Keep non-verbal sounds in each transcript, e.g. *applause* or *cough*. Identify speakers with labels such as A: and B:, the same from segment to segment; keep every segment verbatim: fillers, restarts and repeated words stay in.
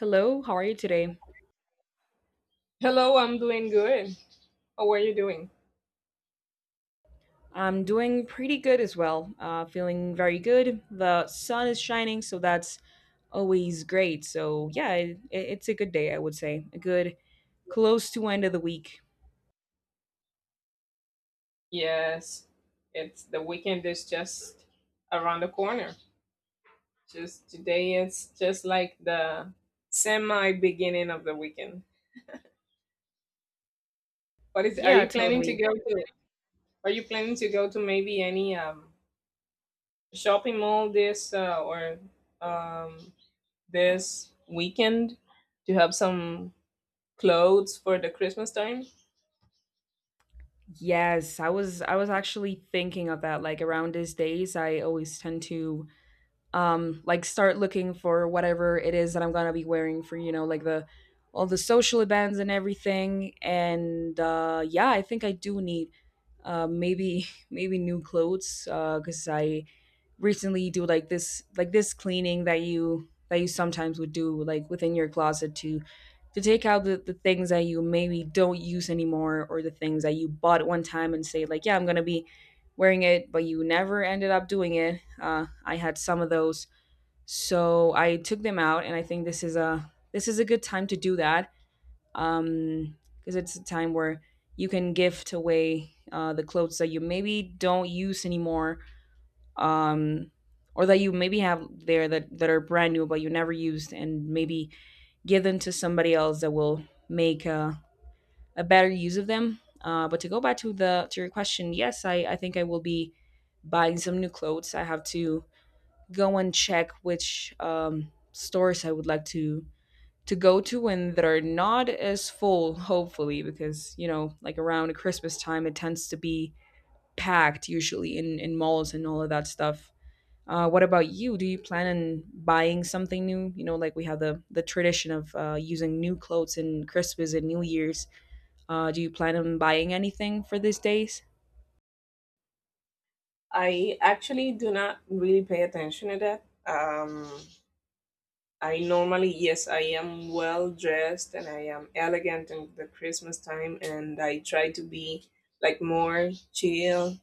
A: Hello, how are you today?
B: Hello, I'm doing good. How are you doing?
A: I'm doing pretty good as well. Uh, feeling very good. The sun is shining, so that's always great. So yeah, it, it's a good day, I would say. A good close to end of the week.
B: Yes, it's the weekend is just around the corner. Just today it's just like the semi beginning of the weekend. What is are
A: Yeah,
B: you planning to
A: totally.
B: go to? Are you planning to go to maybe any um shopping mall this uh, or um this weekend to have some clothes for the Christmas time?
A: Yes, I was I was actually thinking of that. Like around these days, I always tend to um like start looking for whatever it is that I'm gonna be wearing for you know like the all the social events and everything. And uh yeah, I think I do need uh maybe *laughs* maybe new clothes, uh because I recently do like this like this cleaning that you that you sometimes would do like within your closet to to take out the, the things that you maybe don't use anymore, or the things that you bought one time and say like, yeah, I'm gonna be wearing it, but you never ended up doing it. uh, I had some of those, so I took them out, and I think this is a this is a good time to do that, um, because it's a time where you can gift away uh, the clothes that you maybe don't use anymore, um or that you maybe have there that that are brand new but you never used, and maybe give them to somebody else that will make a, a better use of them. Uh, but to go back to the to your question, yes, i i think I will be buying some new clothes. I have to go and check which um, stores I would like to to go to, and that are not as full, hopefully, because you know, like around Christmas time, it tends to be packed usually in in malls and all of that stuff. Uh, what about you? Do you plan on buying something new? You know, like we have the the tradition of uh, using new clothes in Christmas and New Year's. Uh, do you plan on buying anything for these days?
B: I actually do not really pay attention to that. Um I normally, yes, I am well dressed and I am elegant in the Christmas time, and I try to be like more chill.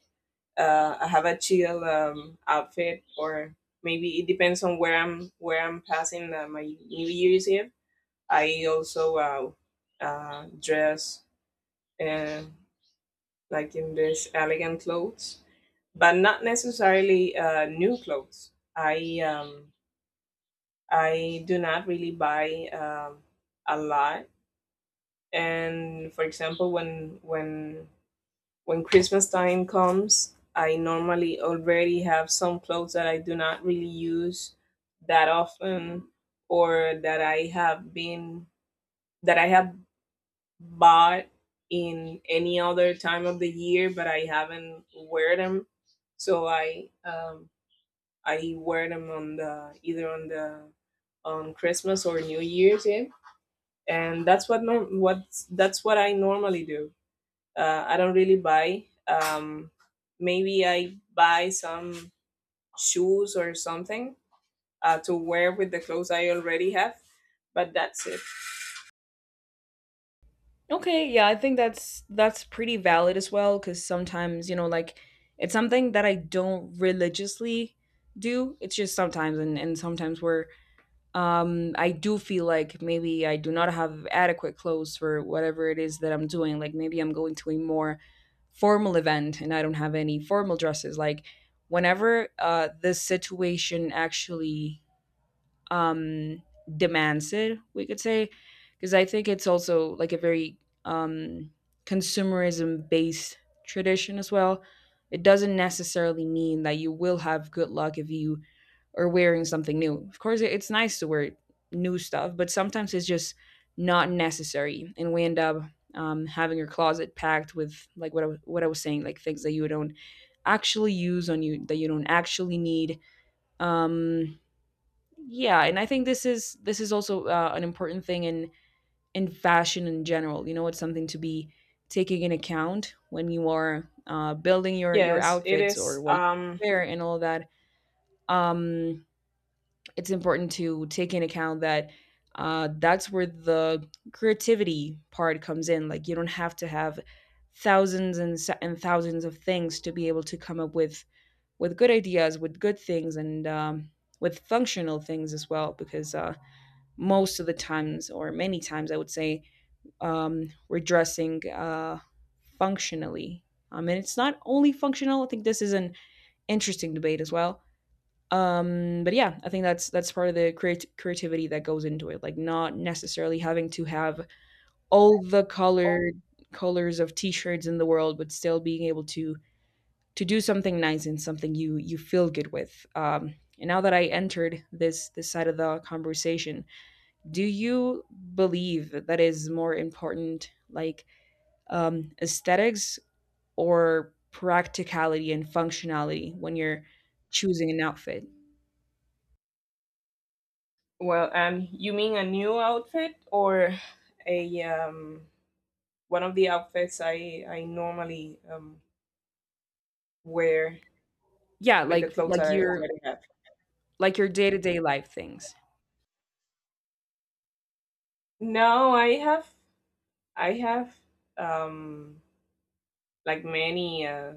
B: Uh, I have a chill um, outfit, or maybe it depends on where I'm where I'm passing uh, my New Year's Eve. I also uh, uh, dress uh, like in this elegant clothes, but not necessarily uh, new clothes. I um, I do not really buy um, a lot. And for example, when when when Christmas time comes, I normally already have some clothes that I do not really use that often, or that I have been that I have bought in any other time of the year, but I haven't wear them. So I um, I wear them on the either on the on Christmas or New Year's Eve, and that's what norm- what that's what I normally do. Uh, I don't really buy. Um, maybe I buy some shoes or something uh, to wear with the clothes I already have, but that's it.
A: Okay, yeah, I think that's that's pretty valid as well, cuz sometimes, you know, like it's something that I don't religiously do. It's just sometimes, and and sometimes where um I do feel like maybe I do not have adequate clothes for whatever it is that I'm doing. Like maybe I'm going to a more formal event and I don't have any formal dresses. Like whenever uh this situation actually um demands it, we could say, because I think it's also like a very, um consumerism based tradition as well. It doesn't necessarily mean that you will have good luck if you are wearing something new. Of course, it- it's nice to wear new stuff, but sometimes it's just not necessary, and we end up um, having your closet packed with like what I, wa- what I was saying, like things that you don't actually use on you, that you don't actually need. um yeah, and I think this is this is also uh, an important thing in in fashion in general. You know, it's something to be taking in account when you are uh, building your your
B: Yes, it
A: outfits or
B: is.
A: what you
B: Um,
A: wear and all that. um it's important to take in account that uh, that's where the creativity part comes in. Like you don't have to have thousands, and, sa- and thousands of things to be able to come up with with good ideas, with good things, and um, with functional things as well, because uh, most of the times, or many times, I would say, um, we're dressing uh, functionally. I mean, it's not only functional. I think this is an interesting debate as well. Um, but yeah, I think that's that's part of the creat- creativity that goes into it. Like not necessarily having to have all the colored colors of t-shirts in the world, but still being able to to do something nice and something you you feel good with. Um, and now that I entered this this side of the conversation, do you believe that is more important, like, um, aesthetics or practicality and functionality when you're choosing an outfit?
B: well, um, you mean a new outfit or a um, one of the outfits I I normally um, wear
A: Yeah,
B: with the
A: like
B: clothes
A: like
B: I
A: your
B: already have?
A: like your day-to-day life things.
B: No, I have I have um like many uh,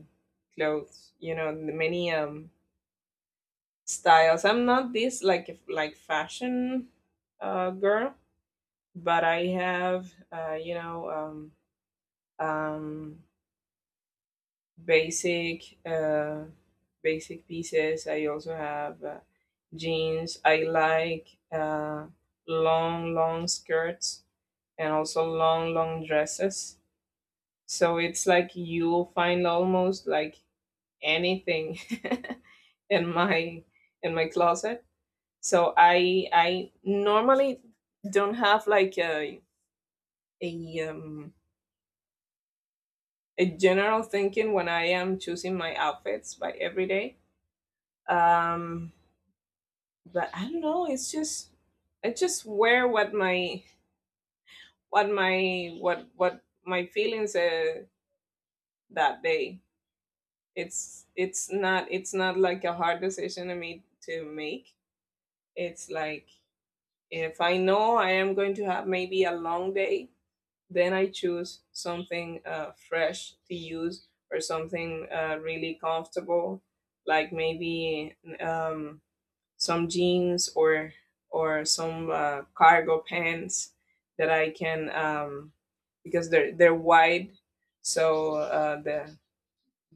B: clothes, you know, the many um, styles. I'm not this like if- like fashion uh, girl, but I have uh, you know um, um, basic uh, basic pieces. I also have uh, jeans. I like uh, long long skirts and also long long dresses. So it's like you'll find almost like anything *laughs* in my in my closet. So I I normally don't have like a a um, a general thinking when I am choosing my outfits by every day. Um, but I don't know. It's just I just wear what my what my what what my feelings uh, that day. It's it's not it's not like a hard decision I made to make. It's like if I know I am going to have maybe a long day, then I choose something uh, fresh to use or something uh, really comfortable, like maybe um, some jeans or or some uh, cargo pants that I can um, because they're they're wide, so uh, the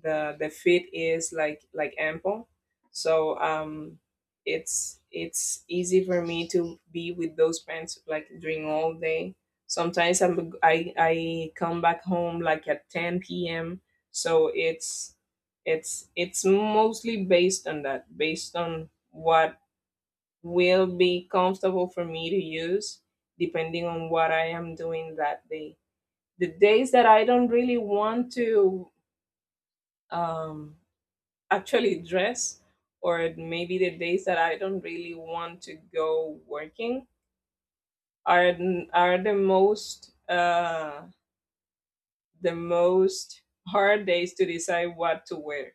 B: the the fit is like like ample, so um it's it's easy for me to be with those pants like during all day. Sometimes I'm, i i come back home like at ten p m p.m. So it's it's it's mostly based on that, based on what will be comfortable for me to use depending on what I am doing that day. The days that I don't really want to um actually dress, or maybe the days that I don't really want to go working, are n- are the most uh the most hard days to decide what to wear.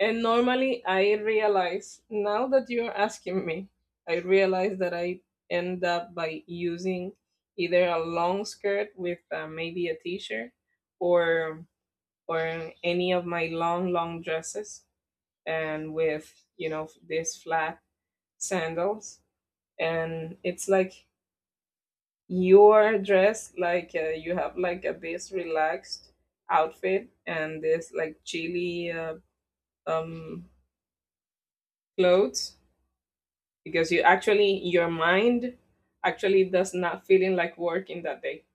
B: And normally I realize, now that you're asking me, I realize that I end up by using either a long skirt with uh, maybe a t-shirt, or or any of my long long dresses, and with you know this flat sandals. And it's like you're dressed like, uh, you have like a this relaxed outfit and this like chilly uh, um clothes, because you actually your mind actually does not feeling like working that day.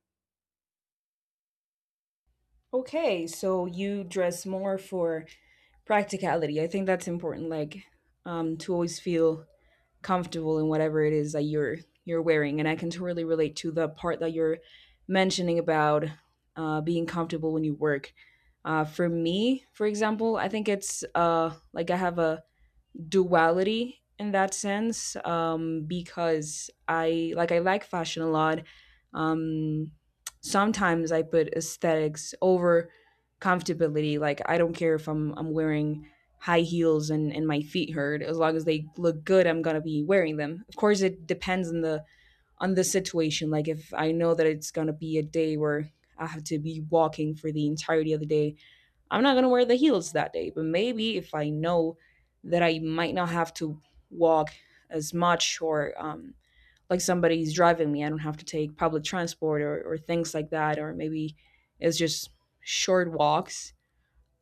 A: Okay, so you dress more for practicality. I think that's important, like um, to always feel comfortable in whatever it is that you're you're wearing. And I can totally relate to the part that you're mentioning about uh, being comfortable when you work. Uh, for me, for example, I think it's uh, like I have a duality in that sense, um, because I like I like fashion a lot. Um, Sometimes I put aesthetics over comfortability. Like I don't care if I'm I'm wearing high heels and, and my feet hurt. As long as they look good, I'm going to be wearing them. Of course, it depends on the on the situation. Like if I know that it's going to be a day where I have to be walking for the entirety of the day, I'm not gonna wear the heels that day. But maybe if I know that I might not have to walk as much, or um, like somebody's driving me, I don't have to take public transport, or, or things like that, or maybe it's just short walks.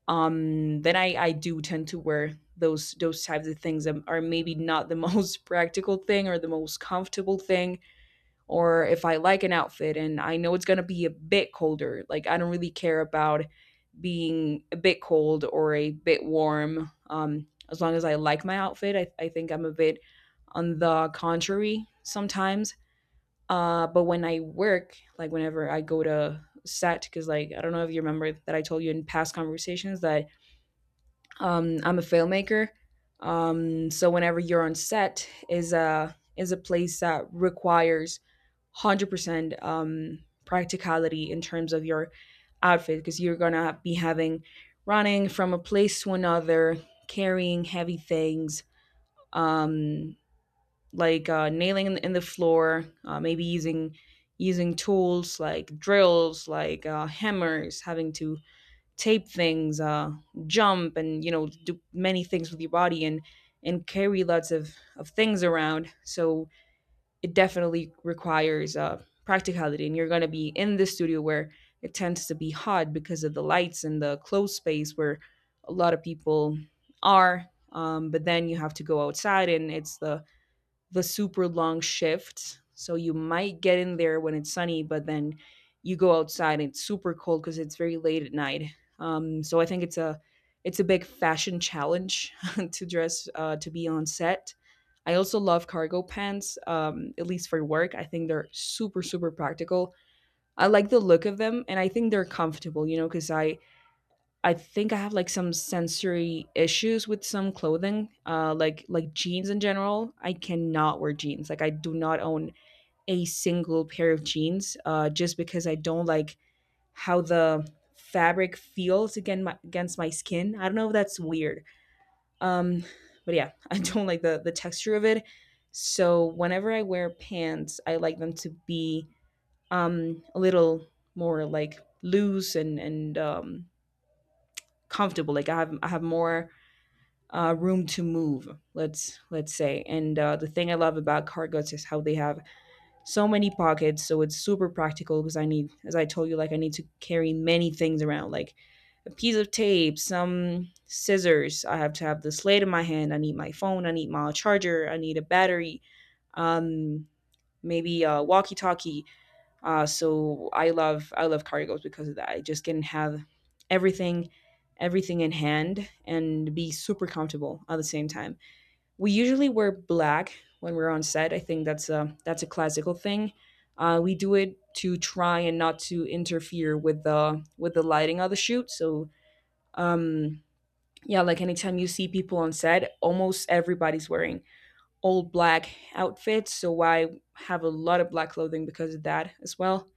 A: Um, then I, I do tend to wear those those types of things that are maybe not the most *laughs* practical thing or the most comfortable thing, or if I like an outfit and I know it's going to be a bit colder, like I don't really care about being a bit cold or a bit warm. Um, as long as I like my outfit, I, I think I'm a bit on the contrary sometimes. Uh, but when I work, like whenever I go to set, because like I don't know if you remember that I told you in past conversations that um, I'm a filmmaker. Um, so whenever you're on set, is a is a place that requires one hundred percent um, practicality in terms of your outfit, because you're going to be having running from a place to another, carrying heavy things, um, like uh, nailing in, in the floor, uh, maybe using using tools like drills, like uh, hammers, having to tape things, uh, jump, and you know, do many things with your body, and and carry lots of of things around. So it definitely requires uh, practicality. And you're going to be in the studio where it tends to be hot because of the lights and the closed space where a lot of people are, um, but then you have to go outside, and it's the the super long shift. So you might get in there when it's sunny, but then you go outside and it's super cold because it's very late at night. Um, so I think it's a it's a big fashion challenge *laughs* to dress uh, to be on set. I also love cargo pants, um, at least for work. I think they're super super practical. I like the look of them, and I think they're comfortable. You know, because I I think I have like some sensory issues with some clothing, uh, like like jeans in general. I cannot wear jeans. Like I do not own a single pair of jeans, uh, just because I don't like how the fabric feels again my, against my skin. I don't know if that's weird. Um, but yeah, *laughs* I don't like the the texture of it. So whenever I wear pants, I like them to be um a little more like loose, and and um comfortable. Like I have I have more uh, room to move, let's let's say. And uh, the thing I love about cargos is how they have so many pockets, so it's super practical, because I need, as I told you, like I need to carry many things around, like a piece of tape, some scissors. I have to have the slate in my hand, I need my phone, I need my charger, I need a battery, um, maybe a walkie talkie. Uh, so I love I love cargos because of that. I just can have everything everything in hand and be super comfortable at the same time. We usually wear black when we're on set. I think that's a that's a classical thing. Uh, we do it to try and not to interfere with the with the lighting of the shoot. So um, yeah, like anytime you see people on set, almost everybody's wearing all black outfits. So I have a lot of black clothing because of that as well.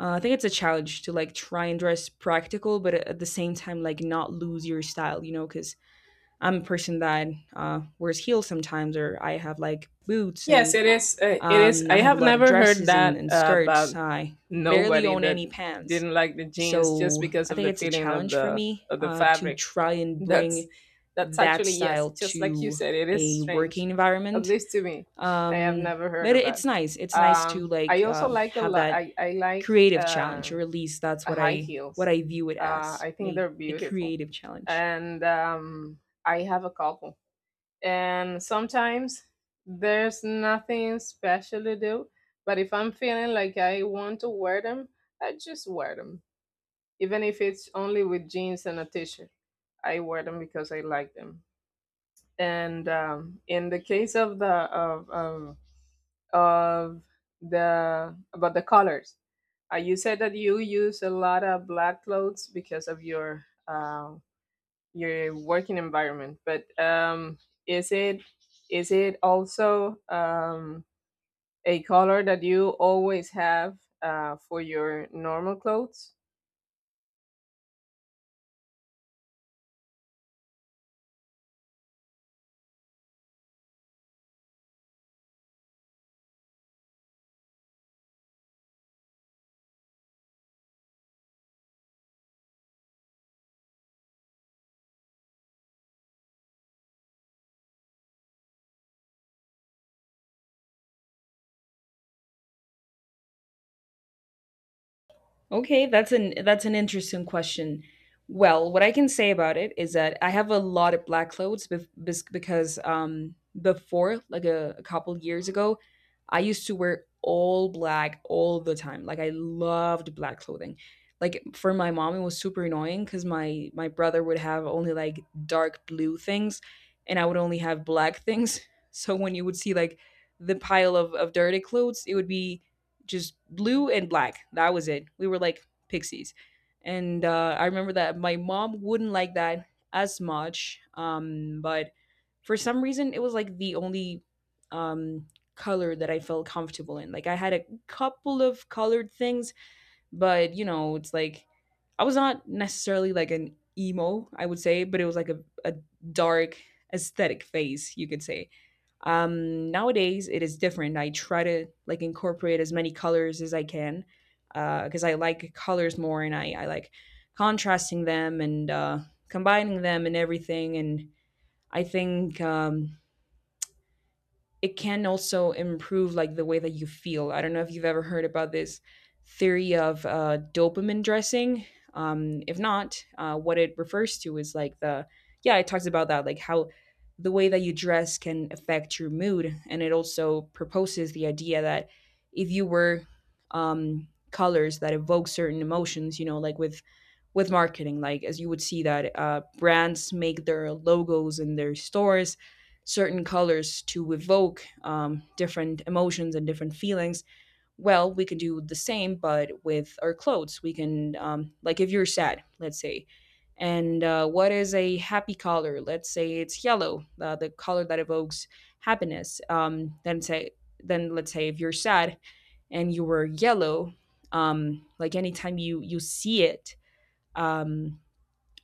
A: uh, I think it's a challenge to like try and dress practical, but at the same time, like not lose your style, you know, because I'm a person that uh, wears heels sometimes, or I have like boots,
B: Yes,
A: and
B: it is. Uh, it is.
A: um, I
B: I
A: have a
B: have
A: lot of
B: never heard
A: dresses and,
B: that
A: and
B: uh,
A: skirts.
B: about
A: I barely
B: nobody
A: own
B: that
A: any pants.
B: didn't like the jeans just
A: So
B: because
A: I
B: of
A: think
B: the
A: it's a
B: feeling of
A: challenge for
B: the
A: me
B: of the
A: uh, to
B: fabric.
A: try and
B: That's
A: bring
B: that's
A: that
B: actually, yes,
A: style
B: just like you
A: to
B: said, it is
A: a
B: strange.
A: working
B: At
A: environment.
B: least to me, I have
A: Um,
B: never heard
A: but
B: of
A: it- it's
B: that.
A: nice. It's nice to
B: Um, I
A: like
B: also
A: um,
B: like a
A: have
B: lot.
A: that
B: I I like
A: creative challenge,
B: uh,
A: or at least that's what
B: high
A: i what
B: heels.
A: i view it
B: Uh,
A: as,
B: I think
A: a,
B: they're
A: a
B: beautiful,
A: creative challenge.
B: and um, I have a couple, and sometimes there's nothing special to do, but if I'm feeling like I want to wear them, I just wear them, even if it's only with jeans and a t-shirt. I wear them because I like them. And um, in the case of the of, of of the about the colors, uh, you said that you use a lot of black clothes because of your uh, your working environment, but um is it is it also um a color that you always have uh for your normal clothes?
A: Okay, that's an that's an interesting question. Well, what I can say about it is that I have a lot of black clothes bef- bes- because um, before, like a, a couple years ago, I used to wear all black all the time. Like I loved black clothing. Like for my mom, it was super annoying because my my brother would have only like dark blue things, and I would only have black things. *laughs* So when you would see like the pile of, of dirty clothes, it would be just blue and black. That was it. We were like pixies. And uh, I remember that my mom wouldn't like that as much. Um, but for some reason, it was like the only um, color that I felt comfortable in. Like I had a couple of colored things, but you know, it's like I was not necessarily like an emo, I would say, but it was like a, a dark aesthetic phase, you could say. Um, nowadays, it is different. I try to like incorporate as many colors as I can because I like colors more, and I, I like contrasting them and uh, combining them and everything. And I think um, it can also improve like the way that you feel. I don't know if you've ever heard about this theory of uh, dopamine dressing. Um, if not, uh, what it refers to is like the yeah, it talks about that, like how the way that you dress can affect your mood, and it also proposes the idea that if you wear um, colors that evoke certain emotions, you know, like with with marketing, like as you would see that uh, brands make their logos in their stores certain colors to evoke um, different emotions and different feelings. Well, we can do the same, but with our clothes. We can, um, like, if you're sad, let's say, and uh, what is a happy color? Let's say it's yellow, uh, the color that evokes happiness. Um, then say, then let's say if you're sad and you wear yellow, um, like anytime you you see it, um,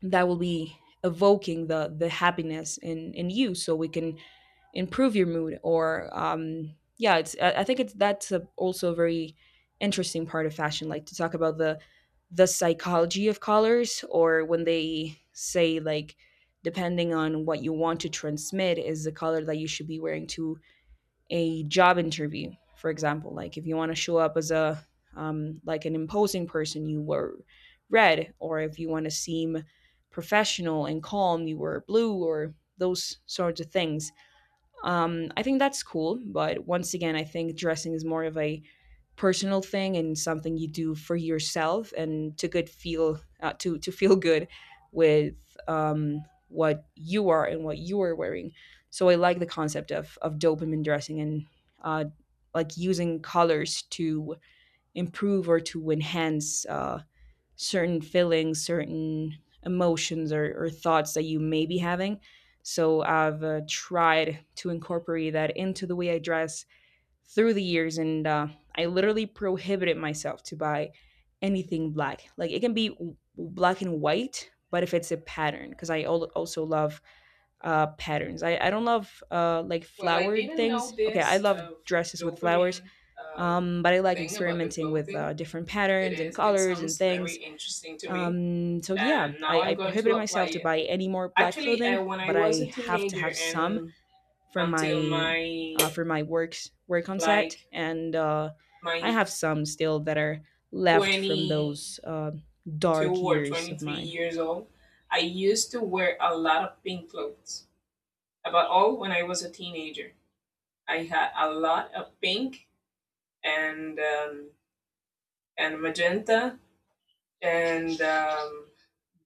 A: that will be evoking the the happiness in in you, so we can improve your mood. Or um yeah, it's I I think it's that's a, also a very interesting part of fashion, like to talk about the the psychology of colors, or when they say like depending on what you want to transmit is the color that you should be wearing to a job interview, for example. Like if you want to show up as a um, like an imposing person, you were red, or if you want to seem professional and calm, you were blue, or those sorts of things. Um, I think that's cool, but once again, I think dressing is more of a personal thing and something you do for yourself and to good feel uh, to to feel good with um, what you are and what you are wearing. So I like the concept of of dopamine dressing and uh, like using colors to improve or to enhance uh, certain feelings, certain emotions, or, or thoughts that you may be having. So I've uh, tried to incorporate that into the way I dress through the years, and uh, I literally prohibited myself to buy anything black. Like it can be w- black and white, but if it's a pattern, because I al- also love uh, patterns. I, I don't love uh, like
B: Well, I
A: flowered
B: didn't know
A: things. Okay, I
B: this
A: love
B: uh,
A: dresses with flowers,
B: dopamine um
A: um, but I like
B: thing about the
A: experimenting with uh,
B: clothing.
A: different
B: it
A: patterns and
B: is it
A: colors and
B: sounds very
A: things.
B: interesting to me,
A: Um, so yeah,
B: and now
A: I,
B: I'm
A: I
B: going to
A: prohibited
B: apply
A: myself to
B: it.
A: buy any more black
B: Actually,
A: clothing,
B: uh, when I
A: but
B: was a
A: I have to
B: teenager
A: have some
B: and
A: for
B: until
A: my
B: my
A: uh, for my works work on set.
B: like
A: And uh, I
B: my
A: have some still that are left from
B: 20
A: those uh,
B: Two
A: dark
B: or
A: years of
B: twenty-three
A: mine.
B: years old, I used to wear a lot of pink clothes. About all when I was a teenager, I had a lot of pink and um, and magenta and um,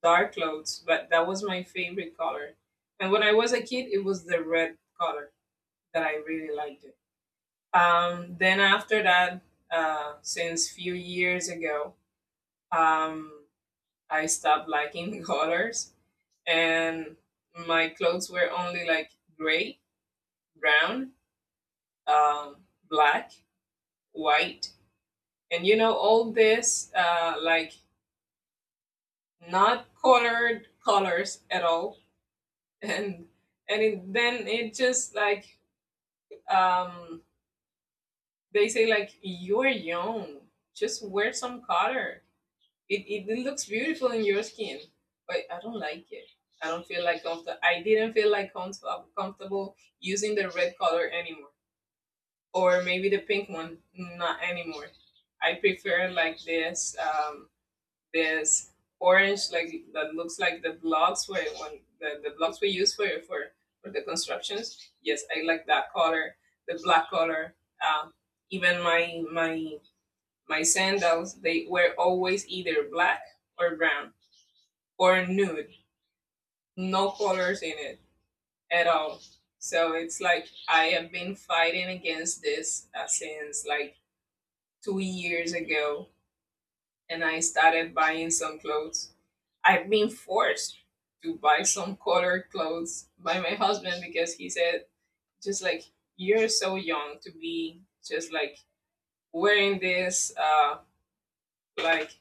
B: dark clothes, but that was my favorite color. And when I was a kid, it was the red color that I really liked it. Um, then after that, uh, since few years ago, um, I stopped liking *laughs* colors, and my clothes were only like gray, brown, um, black, white, and you know all this uh, like not colored colors at all, *laughs* and and it, then it just like, um, they say like, you're young, just wear some color. It, it it looks beautiful in your skin, but I don't like it. I don't feel like comfortable. I didn't feel like comfort- comfortable using the red color anymore. Or maybe the pink one. Not anymore. I prefer like this um, this orange, like that looks like the blocks where when the, the blocks we use for for for the constructions. Yes, I like that color, the black color. Um, Even my my my sandals, they were always either black or brown or nude. No colors in it at all. So it's like I have been fighting against this, uh, since like two years ago, and I started buying some clothes. I've been forced to buy some colored clothes by my husband, because he said, just like, you're so young to be just like wearing this, uh, like,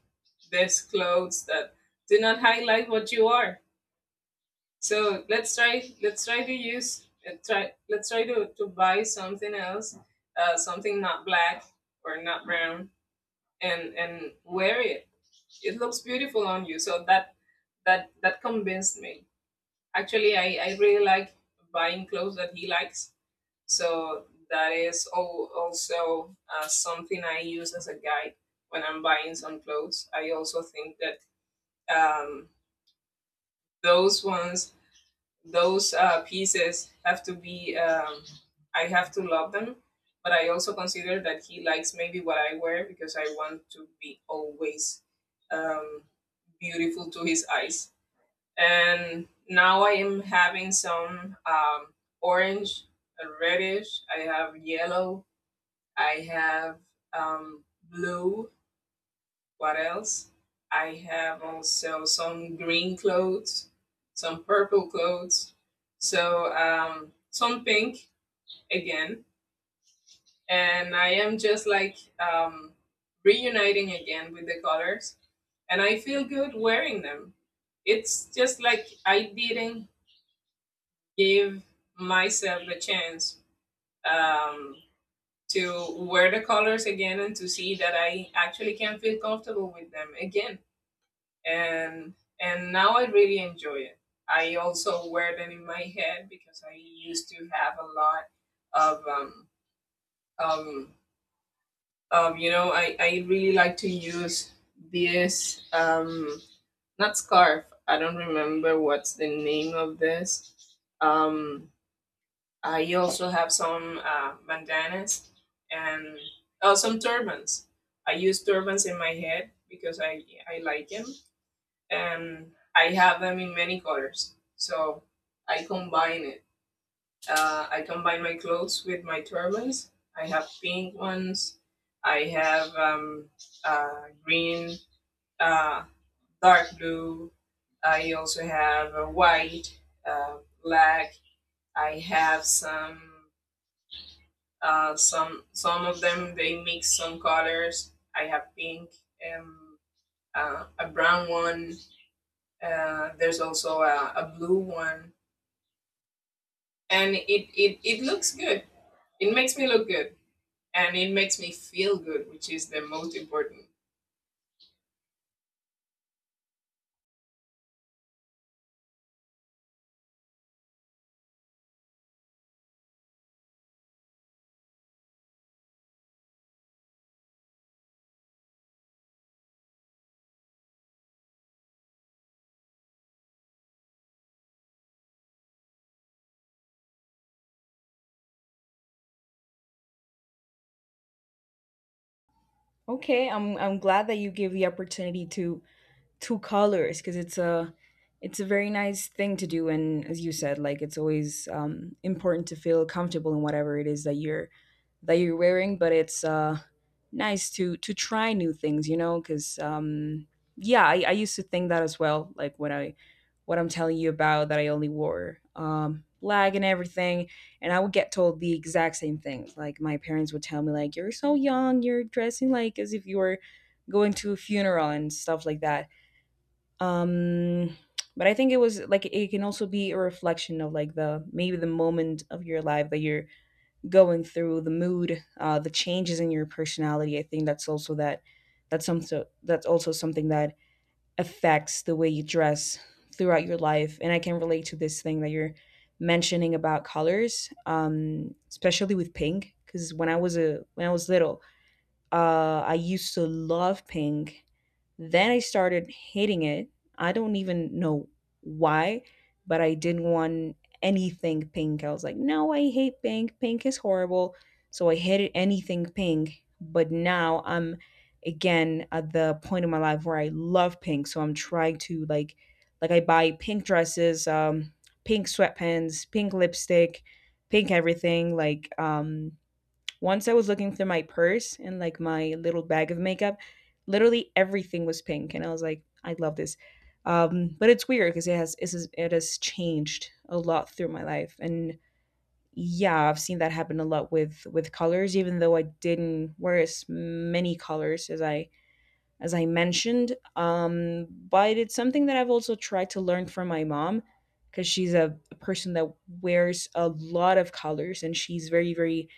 B: this clothes that do not highlight what you are. So let's try, let's try to use, uh, try, let's try to, to buy something else, uh, something not black or not brown, and, and wear it. It looks beautiful on you, so that that that convinced me. Actually, i i really like buying clothes that he likes. So that is al- also uh, something I use as a guide when I'm buying some clothes. I also think that, um, those ones, those uh, pieces have to be, um, I have to love them, but I also consider that he likes maybe what I wear, because I want to be always um, beautiful to his eyes. And now I am having some um, orange, uh, reddish. I have yellow. I have um, blue. What else? I have also some green clothes, some purple clothes, so um, some pink again. And I am just like um, reuniting again with the colors, and I feel good wearing them. It's just like I didn't gave myself a chance um, to wear the colors again and to see that I actually can feel comfortable with them again. And and now I really enjoy it. I also wear them in my head, because I used to have a lot of um, um, um you know I, I really like to use this um not scarf. I don't remember what's the name of this. Um Uh, you also have some uh, bandanas, and oh, some turbans. I use turbans in my head because I, I like them, and I have them in many colors. So I combine it. Uh, I combine my clothes with my turbans. I have pink ones. I have um, uh, green, uh, dark blue. I also have uh, white, uh, black. I have some. Uh, some some of them they mix some colors. I have pink, um, uh, a brown one. Uh, there's also a, a blue one, and it, it it looks good. It makes me look good, and it makes me feel good, which is the most important.
A: Okay, I'm I'm glad that you gave the opportunity to two colors, because it's a it's a very nice thing to do, and as you said, like it's always um, important to feel comfortable in whatever it is that you're that you're wearing, but it's uh nice to to try new things, you know, because um yeah, I, I used to think that as well, like when i what i'm telling you about that, I only wore um black and everything, and I would get told the exact same things. Like my parents would tell me like, you're so young, you're dressing like as if you were going to a funeral and stuff like that. um but I think it was like it can also be a reflection of like the maybe the moment of your life that you're going through, the mood, uh the changes in your personality. I think that's also that that's something that's also something that affects the way you dress throughout your life. And I can relate to this thing that you're mentioning about colors, um especially with pink, because when I was a when i was little, uh I used to love pink. Then I started hating it. I don't even know why, but I didn't want anything pink. I was like, no, I hate pink. Pink is horrible. So I hated anything pink. But now I'm again at the point in my life where I love pink. So I'm trying to like like I buy pink dresses, um, pink sweatpants, pink lipstick, pink everything. Like um once I was looking through my purse and like my little bag of makeup, literally everything was pink, and I was like, I love this. Um, but it's weird because it has it has, it has changed a lot through my life. And yeah, I've seen that happen a lot with with colors, even though I didn't wear as many colors as I as I mentioned. Um, but it's something that I've also tried to learn from my mom, because she's a person that wears a lot of colors, and she's very very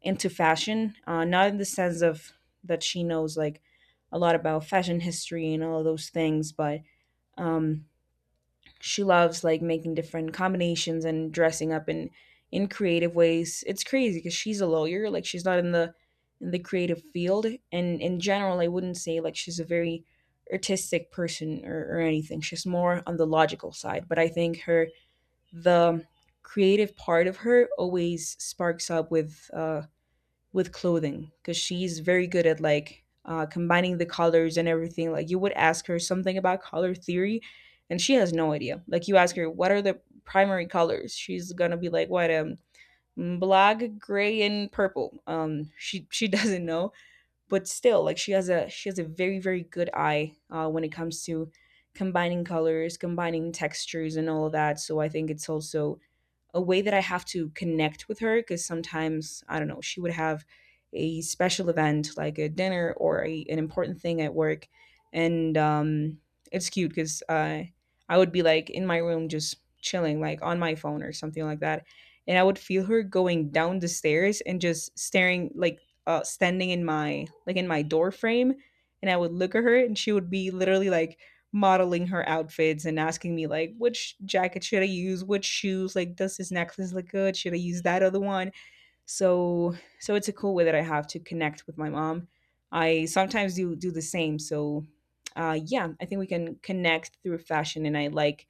A: into fashion, uh, not in the sense of that she knows like a lot about fashion history and all of those things, but um, she loves like making different combinations and dressing up in in creative ways. It's crazy because she's a lawyer. Like she's not in the in the creative field, and in general, I wouldn't say like she's a very artistic person, or, or anything. She's more on the logical side, but I think her the creative part of her always sparks up with uh, with clothing, because she's very good at like uh, combining the colors and everything. Like you would ask her something about color theory, and she has no idea. Like you ask her what are the primary colors, she's gonna be like, what, um black, gray, and purple. Um, she she *laughs* doesn't know, but still like she has a she has a very very good eye uh, when it comes to combining colors, combining textures, and all of that. So I think it's also a way that I have to connect with her, because sometimes, I don't know, she would have a special event like a dinner or a, an important thing at work. And um, it's cute because uh, I would be like in my room just chilling, like on my phone or something like that. And I would feel her going down the stairs and just staring, like uh, standing in my like in my door frame. And I would look at her, and she would be literally like modeling her outfits and asking me like, which jacket should I use, which shoes, like does this necklace look good? Should I use that other one? So so it's a cool way that I have to connect with my mom. I sometimes do do the same. So uh yeah, I think we can connect through fashion, and I like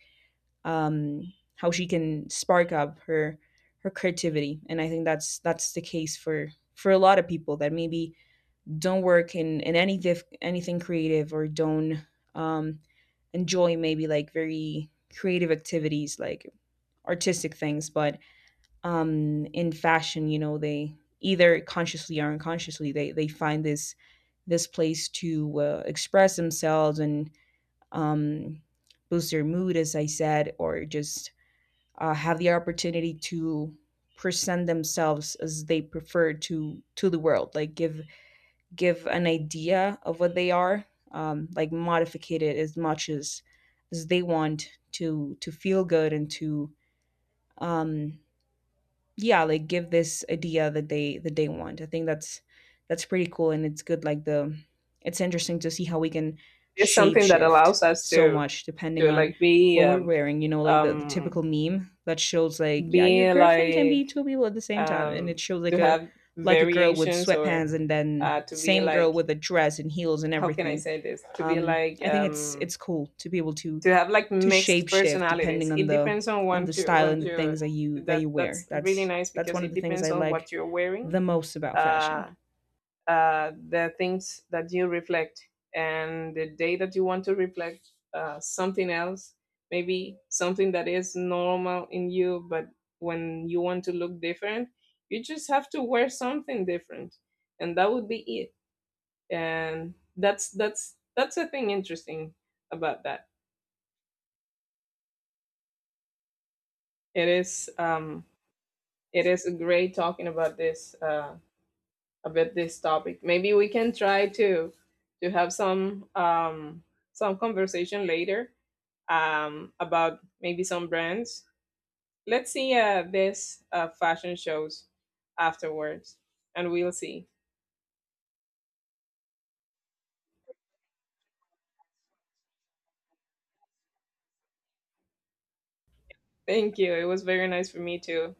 A: um how she can spark up her her creativity. And I think that's that's the case for for a lot of people that maybe don't work in in any diff, anything creative, or don't um, enjoy maybe like very creative activities like artistic things, but um in fashion, you know, they either consciously or unconsciously they they find this this place to uh, express themselves, and um boost their mood, as I said, or just uh, have the opportunity to present themselves as they prefer to to the world. Like give give an idea of what they are, um, like modify it as much as as they want to to feel good, and to um, yeah like give this idea that they that they want. I think that's that's pretty cool, and it's good like the it's interesting to see how we can
B: It's
A: shape
B: something that
A: shift
B: allows us
A: so
B: to
A: much depending
B: to
A: on
B: like be,
A: what we're
B: um
A: wearing. You know, like the, the
B: um
A: typical meme that shows like, yeah, your
B: being
A: girlfriend can be
B: like,
A: two people at the same time, and it
B: um
A: shows like
B: to
A: a
B: have
A: like a girl with
B: variations, or
A: sweatpants and then
B: uh to be
A: same girl
B: like,
A: with a dress and heels and
B: how can I
A: everything.
B: say this, to be
A: um
B: like,
A: I think it's
B: um
A: it's cool to be able to
B: to have like
A: to
B: mixed
A: shapeshift
B: personalities.
A: depending on
B: It
A: the
B: depends on
A: on the
B: what you
A: style
B: when
A: and the
B: you...
A: things that you that you
B: that
A: wear.
B: That's really
A: That's
B: nice,
A: that's
B: because
A: one of
B: it
A: the things
B: depends
A: I
B: on
A: like
B: what you're wearing,
A: the most about fashion.
B: uh uh, the things that you reflect and the day that you want to reflect uh, something else, maybe something that is normal in you, but when you want to look different, you just have to wear something different, and that would be it. And that's that's that's a thing interesting about that. It is um it is great talking about this, uh about this topic. Maybe we can try to to have some, um, some conversation later, um, about maybe some brands. Let's see uh, this uh, fashion shows afterwards, and we'll see. Thank you. It was very nice for me too.